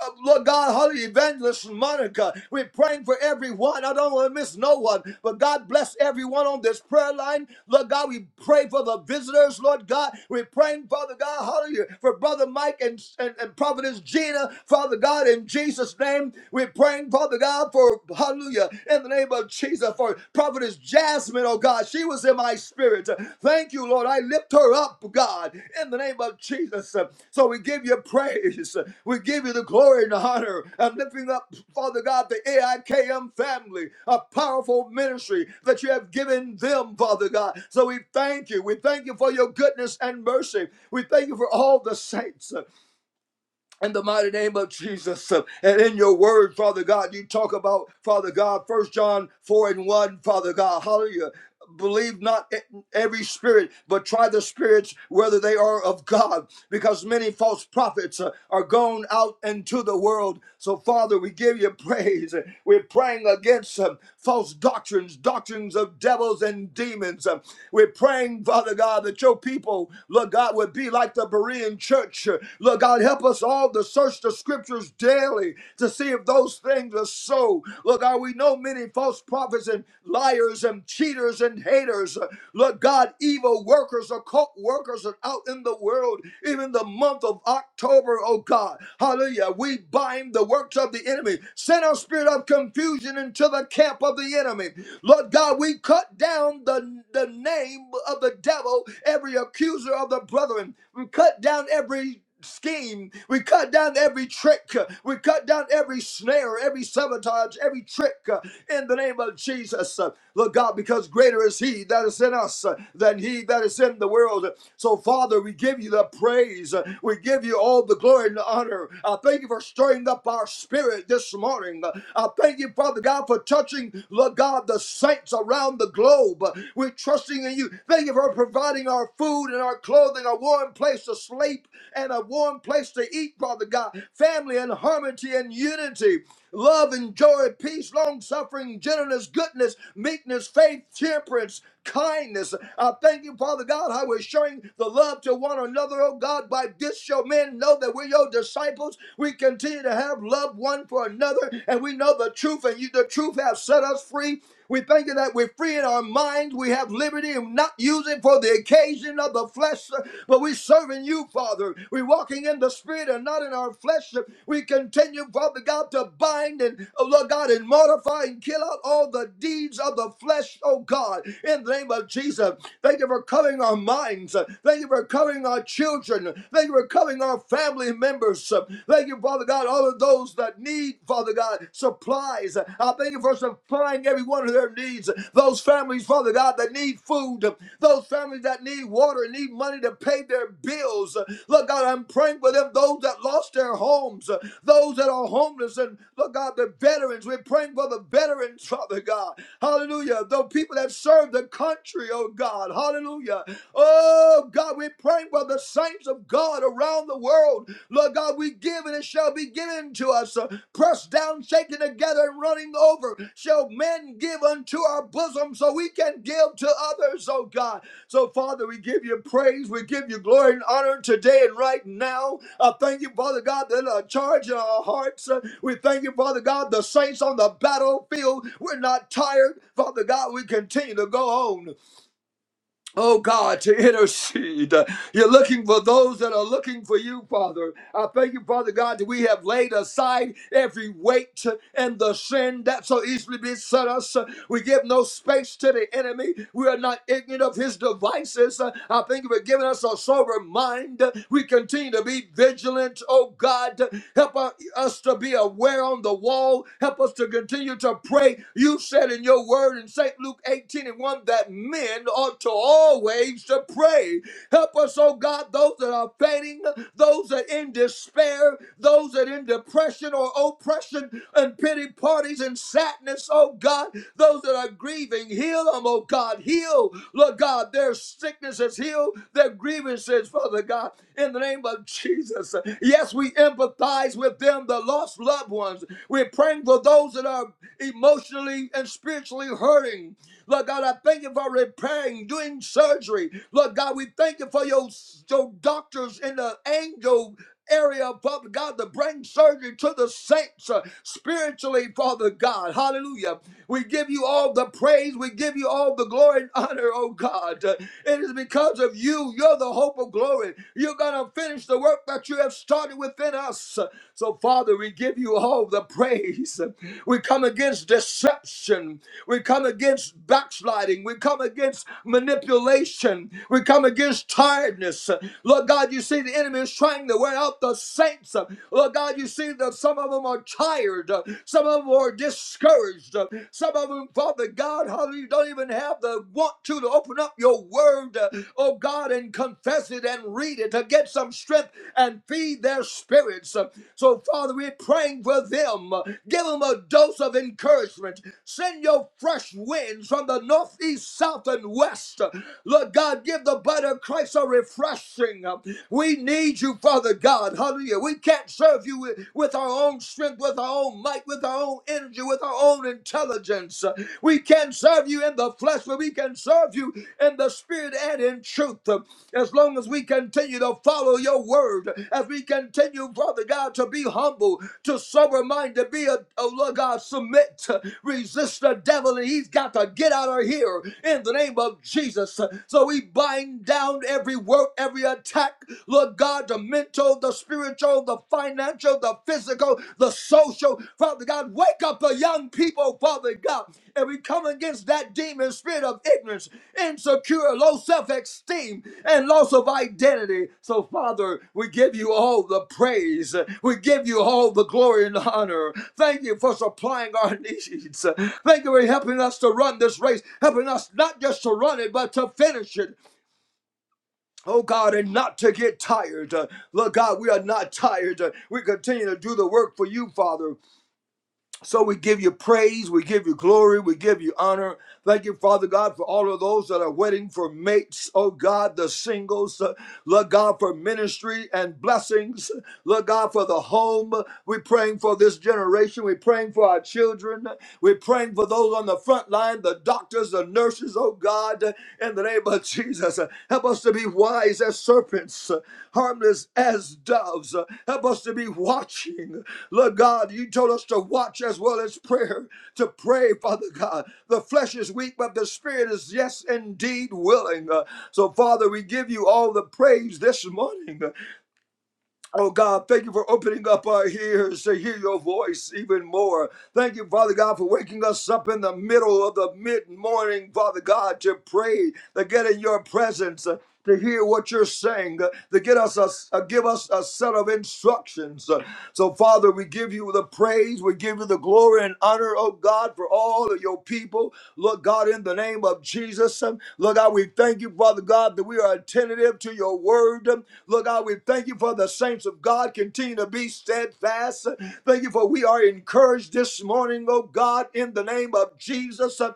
[SPEAKER 3] uh, Lord God, Holy Evangelist Monica. We're praying for everyone. I don't want to miss no one, but God bless everyone on this prayer line. Lord God, we pray for the visitors, Lord God. We're praying, Father God, hallelujah, for Brother Mike and, and, and Providence Gina, Father God, in Jesus' name. We're praying, Father God, for hallelujah, in the name of Jesus, for Providence Jasmine. Jasmine, oh God, she was in my spirit. Thank you, Lord. I lift her up, God, in the name of Jesus. So we give you praise. We give you the glory and the honor. I'm lifting up, Father God, the AIKM family, a powerful ministry that you have given them, Father God. So we thank you. We thank you for your goodness and mercy. We thank you for all the saints in the mighty name of Jesus. And in your word, Father God, you talk about, Father God, First John 4 and 1, Father God, hallelujah. Believe not e- every spirit, but try the spirits whether they are of God, because many false prophets uh, are gone out into the world. So, Father, we give you praise. We're praying against um, false doctrines, doctrines of devils and demons. Um, We're praying, Father God, that your people, Lord God, would be like the Berean church. Lord God, help help us all to search the scriptures daily to see if those things are so. Lord God, we know many false prophets and liars and cheaters and haters. Lord God, evil workers, occult workers are out in the world, even the month of October, oh God. Hallelujah. We bind the works of the enemy. Send our spirit of confusion into the camp of the enemy. Lord God, we cut down the, the name of the devil, every accuser of the brethren. We cut down every scheme. We cut down every trick. We cut down every snare, every sabotage, every trick uh, in the name of Jesus. Uh, Lord God, because greater is He that is in us uh, than He that is in the world. So, Father, we give you the praise. Uh, We give you all the glory and the honor. I thank you for stirring up our spirit this morning. Uh, I thank you, Father God, for touching, Lord God, the saints around the globe. Uh, We're trusting in you. Thank you for providing our food and our clothing, a warm place to sleep and a warm place to eat, Father God. Family and harmony and unity, love and joy, peace, long suffering, gentleness, goodness, meekness, faith, temperance, kindness. I thank you, Father God, how we're showing the love to one another, oh God. By this shall men know that we're your disciples. We continue to have love one for another, and we know the truth, and you the truth has set us free. We thank you that we're free in our minds. We have liberty and not using for the occasion of the flesh, uh, but we're serving you, Father. We're walking in the spirit and not in our flesh. We continue, Father God, to bind and, oh Lord God, and mortify and kill out all the deeds of the flesh, oh God, in the name of Jesus. Thank you for covering our minds. Thank you for covering our children. Thank you for covering our family members. Thank you, Father God, all of those that need, Father God, supplies. I thank you for supplying every one of their needs. Those families, Father God, that need food, those families that need water, need money to pay their bills. Lord God, I'm praying for them, those that lost their homes, those that are homeless, and Lord God, the veterans. We're praying for the veterans, Father God. Hallelujah. The people that serve the country, oh God. Hallelujah. Oh God, we're praying for the saints of God around the world. Lord God, we give and it shall be given to us. Uh, Pressed down, shaken together, and running over shall men give unto our bosom so we can give to others, oh God. So, Father, we give you praise, we give you glory and honor today and right now. I thank you, Father God, that a charge in our hearts. Uh, We thank you, Father God, the saints on the battlefield. We're not tired, Father God. We continue to go on. Oh God, to intercede. You're looking for those that are looking for you, Father. I thank you, Father God, that we have laid aside every weight and the sin that so easily beset us. We give no space to the enemy. We are not ignorant of his devices. I thank you for giving us a sober mind. We continue to be vigilant, oh God. Help us us to be aware on the wall. Help us to continue to pray. You said in your word in St. Luke 18 and 1 that men ought to always to pray. Help us, oh God, those that are fainting, those that are in despair, those that are in depression or oppression and, and pity parties and sadness, oh God. Those that are grieving, heal them, oh God. Heal, Lord God, their sicknesses, heal their grievances, Father God, in the name of Jesus. Yes, we empathize with them, the lost loved ones. We're praying for those that are emotionally and spiritually hurting. Lord God, I thank you for repairing, doing surgery. Lord God, we thank you for your, your doctors and the angel area, Father God, to bring surgery to the saints uh, spiritually, Father God. Hallelujah. We give you all the praise. We give you all the glory and honor, oh God. Uh, it is because of you. You're the hope of glory. You're going to finish the work that you have started within us. So, Father, we give you all the praise. We come against deception. We come against backsliding. We come against manipulation. We come against tiredness. Lord God, you see the enemy is trying to wear out the saints. Lord God, you see that some of them are tired. Some of them are discouraged. Some of them, Father God, hallelujah, you don't even have the want to to open up your word, uh, oh God, and confess it and read it to get some strength and feed their spirits. Uh, So, Father, we're praying for them. Uh, Give them a dose of encouragement. Send your fresh winds from the northeast, south, and west. Uh, Lord God, give the body of Christ a refreshing. Uh, We need you, Father God. Hallelujah. We can't serve you with with our own strength with our own might, with our own energy, with our own intelligence. We can serve you in the flesh, but we can serve you in the spirit and in truth. As long as we continue to follow your word, as we continue, Father God, to be humble, to sober minded, be a, a Lord God, submit, resist the devil, and he's got to get out of here in the name of Jesus. So we bind down every work, every attack, Lord God, to mental, the spiritual, the financial, the physical, the social. Father God, wake up the young people, Father God. And we come against that demon spirit of ignorance, insecure, low self esteem, and loss of identity. So, Father, we give you all the praise. We give you all the glory and honor. Thank you for supplying our needs. Thank you for helping us to run this race, helping us not just to run it, but to finish it. Oh God, and not to get tired. Uh, Lord God, we are not tired. Uh, we continue to do the work for you, Father. So we give you praise, we give you glory, we give you honor. Thank you, Father God, for all of those that are waiting for mates. Oh God, the singles. Uh, Lord God, for ministry and blessings. Lord God, for the home. We're praying for this generation. We're praying for our children. We're praying for those on the front line, the doctors, the nurses, oh God. God, in the name of Jesus. Help us to be wise as serpents, harmless as doves. Help us to be watching. Lord God, you told us to watch as well as prayer, to pray, Father God. The flesh is weak, but the spirit is, yes, indeed willing. So, Father, we give you all the praise this morning. Oh God, thank you for opening up our ears to hear your voice even more. Thank you, Father God, for waking us up in the middle of the mid morning, Father God, to pray, to get in your presence. uh, To hear what you're saying, uh, to get us a, uh, give us a set of instructions. Uh, So, Father, we give you the praise, we give you the glory and honor, oh God, for all of your people. Lord God, in the name of Jesus, um, Lord God, we thank you, Father God, that we are attentive to your word. Lord. Lord God, we thank you for the saints of God. Continue to be steadfast. Thank you for we are encouraged this morning, oh God, in the name of Jesus. I'm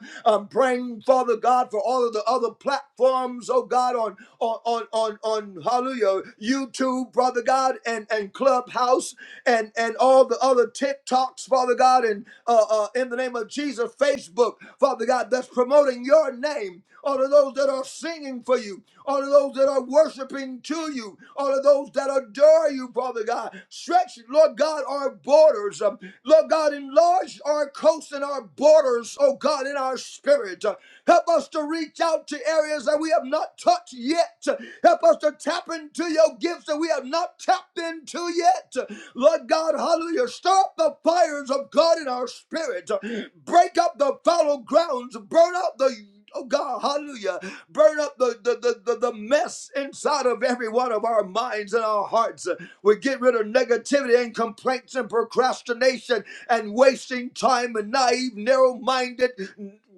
[SPEAKER 3] praying, Father God, for all of the other platforms, oh God, on on on on, hallelujah, YouTube, brother God, and, and Clubhouse and and all the other TikToks, Father God, and uh, uh, in the name of Jesus, Facebook, Father God, that's promoting your name. All of those that are singing for you, all. of of those that are worshiping to you, all of those that adore you, Father God. Stretch, Lord God, our borders. Um, Lord God, enlarge our coast and our borders, oh God, in our spirit. Uh, Help us to reach out to areas that we have not touched yet. Uh, Help us to tap into your gifts that we have not tapped into yet. Uh, Lord God, hallelujah. Stir up the fires of God in our spirit. Uh, Break up the fallow grounds. Burn out the Oh God, hallelujah. Burn up the, the, the, the, the mess inside of every one of our minds and our hearts. We get rid of negativity and complaints and procrastination and wasting time and naive, narrow minded,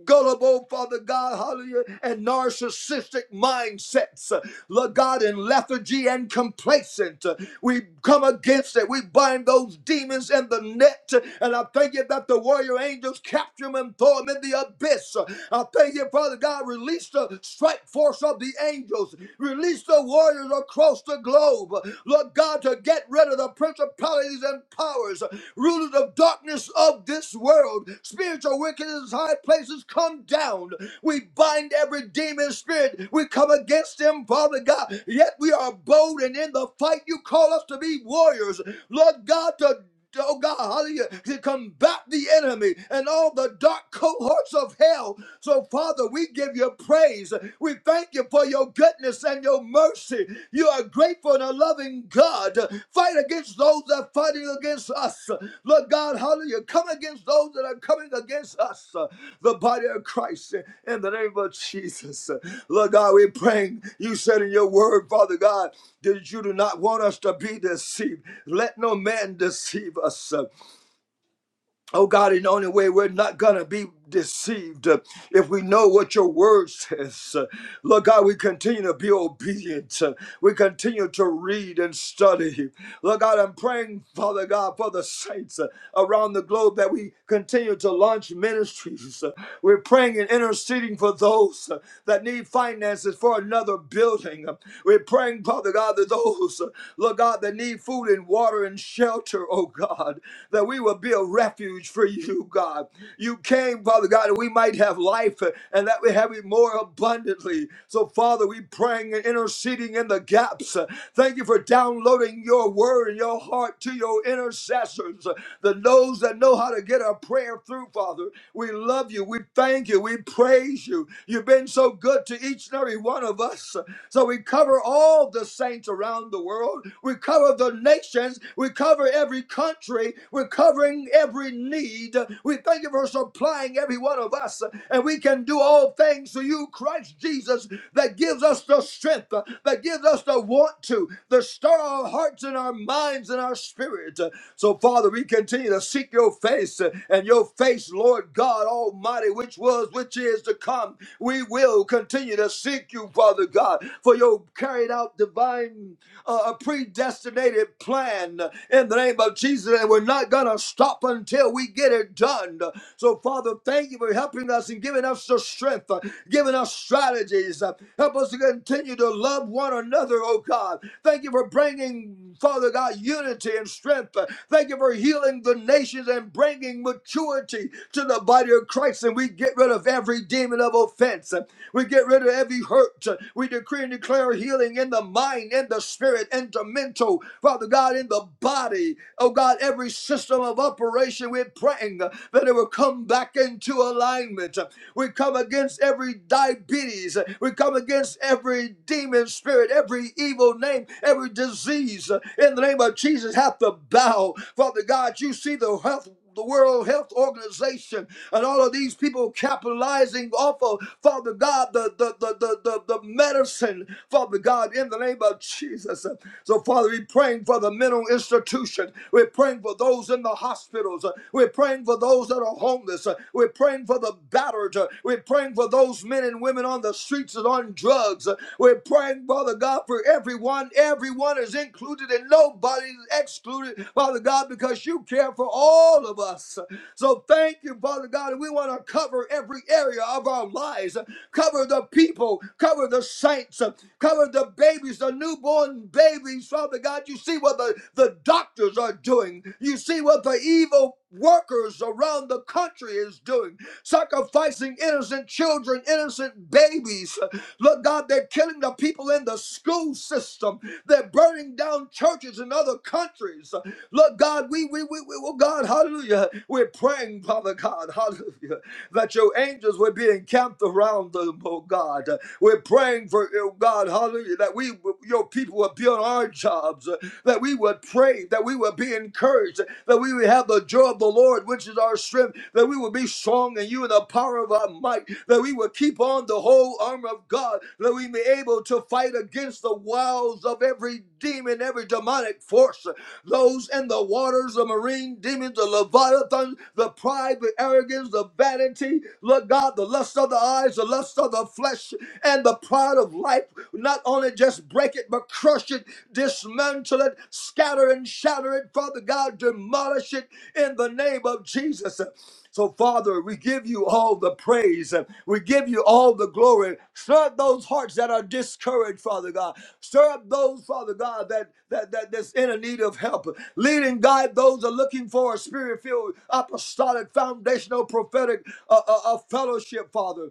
[SPEAKER 3] gullible, Father God, hallelujah, and narcissistic mindsets, uh, Lord God, in lethargy and complacent. Uh, We come against it. We bind those demons in the net. uh, And I thank you that the warrior angels capture them and throw them in the abyss. Uh, I thank you, Father God, release the strike force of the angels. Release the warriors across the the globe, Lord God, to get rid of the principalities and powers, rulers of darkness of this world, spiritual wickedness in high places, come down. We bind every demon spirit. We come against them, Father God. Yet we are bold and in the fight. You call us to be warriors, Lord God, to oh God, hallelujah, to combat the enemy and all the dark cohorts of hell. So, Father, we give you praise. We thank you for your goodness and your mercy. You are grateful and a loving God. Fight against those that are fighting against us us. Lord God, hallelujah. Come against those that are coming against us, uh, the body of Christ, uh, in the name of Jesus. Uh, Lord God, we're praying. You said in your word, Father God, that you do not want us to be deceived. Let no man deceive us. Oh God, in the only way we're not gonna be deceived uh, if we know what your word says. Uh, Lord God, we continue to be obedient. Uh, We continue to read and study. Lord God, I'm praying, Father God, for the saints uh, around the globe that we continue to launch ministries. Uh, We're praying and interceding for those uh, that need finances for another building. Uh, We're praying, Father God, that those, uh, Lord God, that need food and water and shelter, oh God. God, that we will be a refuge for you, God. You came, Father God, that we might have life uh, and that we have it more abundantly. So, Father, we praying and interceding in the gaps. Uh, Thank you for downloading your word and your heart to your intercessors, uh, the those that know how to get our prayer through, Father. We love you. We thank you. We praise you. You've been so good to each and every one of us. So we cover all the saints around the world. We cover the nation nations. We cover every country. We're covering every need. We thank you for supplying every one of us. And we can do all things through you, Christ Jesus, that gives us the strength, that gives us the want to, the stir our hearts and our minds and our spirit. So, Father, we continue to seek your face and your face, Lord God Almighty, which was, which is to come. We will continue to seek you, Father God, for your carried out divine a predestinated plan in the name of Jesus, and we're not going to stop until we get it done. So, Father, thank you for helping us and giving us the strength, uh, giving us strategies. Uh, Help us to continue to love one another, oh God. Thank you for bringing, Father God, unity and strength. Uh, Thank you for healing the nations and bringing maturity to the body of Christ. And we get rid of every demon of offense. Uh, We get rid of every hurt. Uh, We decree and declare healing in the mind, in the spirit, and the mental, Father God, in the body. Oh God, every system of operation, we're praying that it will come back into alignment. We come against every diabetes. We come against every demon spirit, every evil name, every disease. In the name of Jesus, have to bow. Father God, you see the health the World Health Organization and all of these people capitalizing off of Father God the the the the, the, the medicine, Father God, in the name of Jesus. So Father, we're praying for the mental institution. We're praying for those in the hospitals. We're praying for those that are homeless. We're praying for the battered. We're praying for those men and women on the streets and on drugs. We're praying, Father God, for everyone, everyone everyone is included and nobody is excluded, Father God, because you care for all of us. So thank you, Father God. we want to cover every area of our lives. Cover the people, cover the saints, cover the babies, the newborn babies, Father God. You see what the, the doctors are doing. You see what the evil workers around the country is doing, sacrificing innocent children, innocent babies. Lord God, they're killing the people in the school system. They're burning down churches in other countries. Lord God, we, we, we, we oh God, hallelujah. We're praying, Father God, hallelujah, that your angels will be encamped around them, oh God. We're praying for, oh God, hallelujah, that we, your people will be on our jobs, that we that we would pray, that we would be encouraged, that we would have the joy of the Lord, which is our strength, that we would be strong in you and the power of our might, that we would keep on the whole armor of God, that we may be able to fight against the wiles of every demon, every demonic force, those in the waters, the marine demons, the leviathan, the pride, the arrogance, the vanity, Lord God, the lust of the eyes, the lust of the flesh, and the pride of life, not only just break it, but crush it, dismantle it, scatter and shatter it, Father God, demolish it in the name of Jesus. So, Father, we give you all the praise. We give you all the glory. Stir up those hearts that are discouraged, Father God. Stir up those, Father God, that that, that that's in a need of help. Lead and guide those that are looking for a spirit-filled, apostolic, foundational, prophetic uh, uh, uh, fellowship, Father.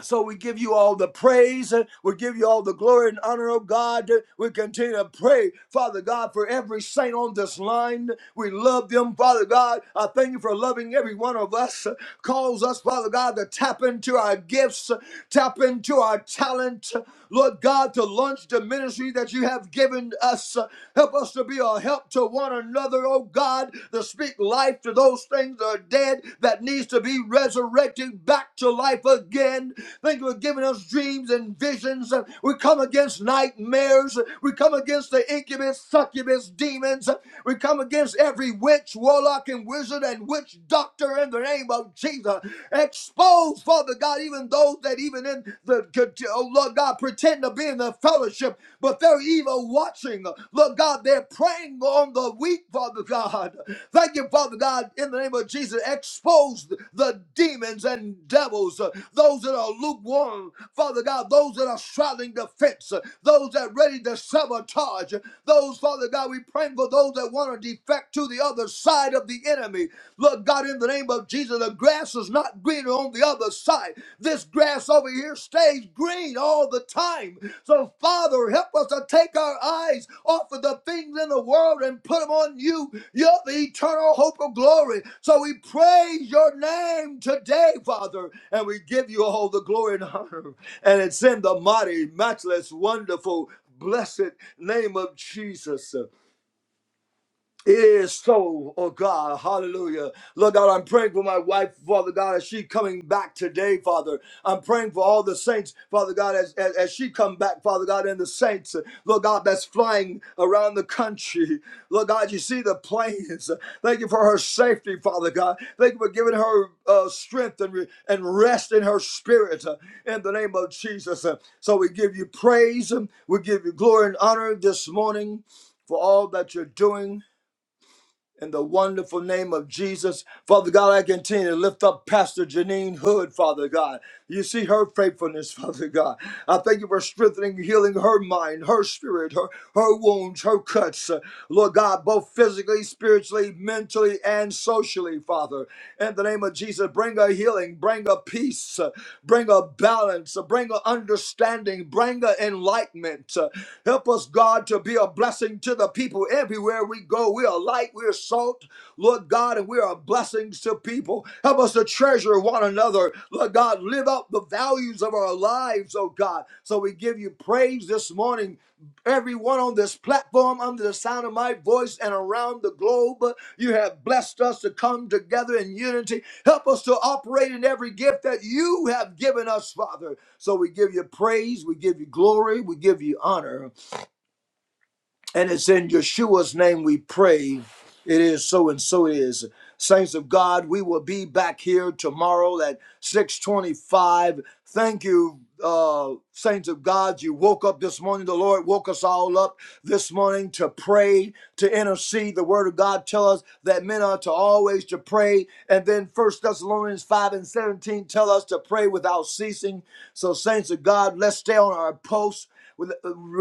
[SPEAKER 3] So we give you all the praise. uh, We give you all the glory and honor, oh God. Uh, We continue to pray, Father God, for every saint on this line. We love them, Father God. I thank you for loving every one of us. Uh, Cause us, Father God, to tap into our gifts, uh, tap into our talent. Lord God, to launch the ministry that you have given us. Help us to be a help to one another, oh God, to speak life to those things that are dead that needs to be resurrected back to life again. Thank you for giving us dreams and visions. We come against nightmares. We come against the incubus, succubus demons. We come against every witch, warlock, and wizard and witch doctor in the name of Jesus. Expose those, Father God, even those that even in the, oh Lord God, pretend to be in the fellowship, but they're even watching. Lord God, they're praying on the weak, Father God. Thank you, Father God, in the name of Jesus. Expose the demons and devils, uh, those that are lukewarm, Father God, those that are straddling the fence, uh, those that are ready to sabotage, those, Father God, we pray for those that want to defect to the other side of the enemy enemy. Lord God, in the name of Jesus, the grass is not greener on the other side. This grass over here stays green all the time. So, Father, help us to take our eyes off of the things in the world and put them on you. You're the eternal hope of glory. So, we praise your name today, Father, and we give you all the glory and honor. And it's in the mighty, matchless, wonderful, blessed name of Jesus. It is so, oh God, hallelujah. Lord God, I'm praying for my wife, Father God, as she coming back today, Father. I'm praying for all the saints, Father God, as, as, as she come back, Father God, and the saints, Lord God, that's flying around the country. Lord God, you see the planes. Thank you for her safety, Father God. Thank you for giving her uh, strength and, re- and rest in her spirit uh, in the name of Jesus. Uh, So we give you praise, um, we give you glory and honor this morning for all that you're doing in the wonderful name of Jesus. Father God, I continue to lift up Pastor Janine Hood, Father God. You see her faithfulness, Father God. I thank you for strengthening, healing her mind, her spirit, her, her wounds, her cuts. Uh, Lord God, both physically, spiritually, mentally, and socially, Father. In the name of Jesus, bring her healing, bring her peace, uh, bring her balance, uh, bring her understanding, bring her enlightenment. Uh, Help us, God, to be a blessing to the people people everywhere we go. We are light, we are salt, Lord God, and we are blessings to people. Help us to treasure one another, Lord God. Live up the values of our lives, oh God. So we give you praise this morning. Everyone on this platform, under the sound of my voice and around the globe, you have blessed us to come together in unity. Help us to operate in every gift that you have given us, Father. So we give you praise, we give you glory, we give you honor. And it's in Yeshua's name we pray. It is so and so it is. Saints of God, we will be back here tomorrow at 625. Thank you, uh, saints of God. You woke up this morning. The Lord woke us all up this morning to pray, to intercede. The word of God tell us that men are to always to pray. And then First Thessalonians 5 and 17 tell us to pray without ceasing. So, saints of God, let's stay on our posts.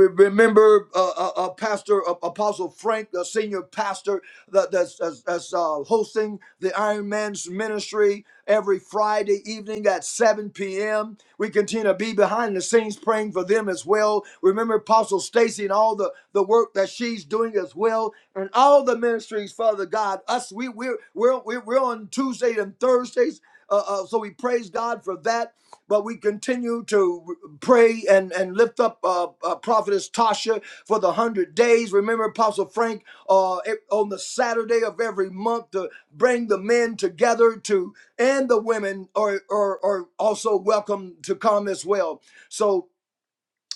[SPEAKER 3] Remember, uh, uh, uh, Pastor uh, Apostle Frank, the senior pastor that, that's, that's, uh, hosting the Iron Man's ministry every Friday evening at 7 p.m. We continue to be behind the scenes praying for them as well. Remember Apostle Stacy and all the, the work that she's doing as well, and all the ministries, Father God. Us, we we we're we're we're on Tuesday and Thursdays. Uh, uh, so we praise God for that. But we continue to pray and, and lift up uh, uh, Prophetess Tasha for the 100 days. Remember, Apostle Frank, uh, e- on the Saturday of every month to bring the men together to and the women are, are, are also welcome to come as well. So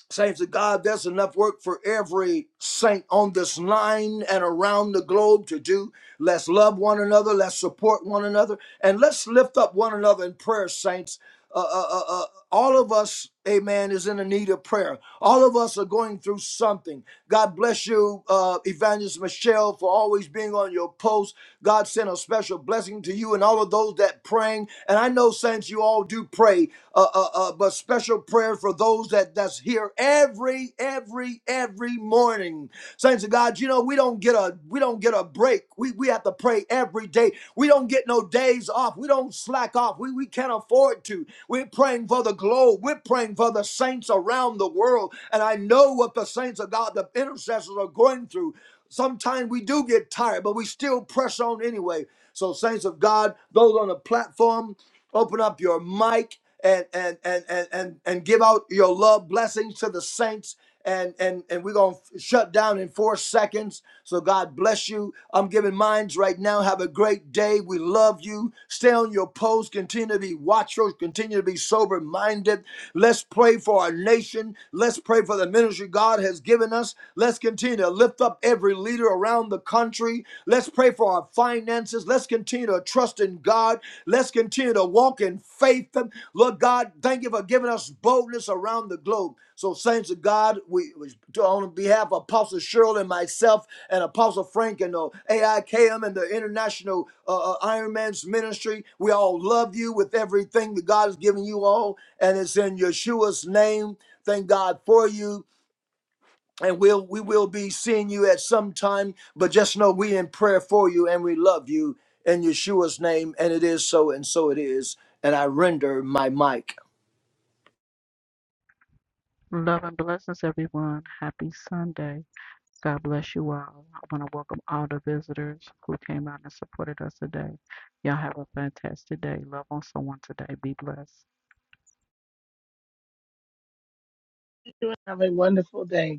[SPEAKER 3] Saints of God, there's enough work for every saint on this line and around the globe to do. Let's love one another. Let's support one another. And let's lift up one another in prayer, saints. Uh, uh, uh, uh, all of us, amen, is in the need of prayer. All of us are going through something. God bless you, uh, Evangelist Michelle, for always being on your post. God sent a special blessing to you and all of those that praying. And I know, saints, you all do pray pray a uh, uh, uh, but special prayer for those that that's here every every every morning saints of god you know we don't get a we don't get a break we we have to pray every day we don't get no days off we don't slack off we we can't afford to we're praying for the globe we're praying for the saints around the world and i know what the saints of god the intercessors are going through sometimes we do get tired but we still press on anyway so saints of god those on the platform Open up your mic and and and and and, and give out your love blessings to the saints. And, and, and we're going to shut down in four seconds. So God bless you. I'm giving minds right now. Have a great day. We love you. Stay on your post. Continue to be watchful. Continue to be sober minded. Let's pray for our nation. Let's pray for the ministry God has given us. Let's continue to lift up every leader around the country family. Let's pray for our finances. Let's continue to trust in God. Let's continue to walk in faith. Lord God, thank you for giving us boldness around the globe. So, saints of God, we on behalf of Apostle Cheryl and myself and Apostle Frank and the AIKM and the International uh, uh, Iron Man's Ministry, we all love you with everything that God has given you all, and it's in Yeshua's name. Thank God for you and we'll we will be seeing you at some time but just know we in prayer for you and we love you in yeshua's name and it is so and so it is and i render my mic
[SPEAKER 1] Love and blessings, everyone. Happy Sunday. God bless you all. I want to welcome all the visitors who came out and supported us today. Y'all have a fantastic day. Love on someone today. Be blessed.
[SPEAKER 2] Have a wonderful day.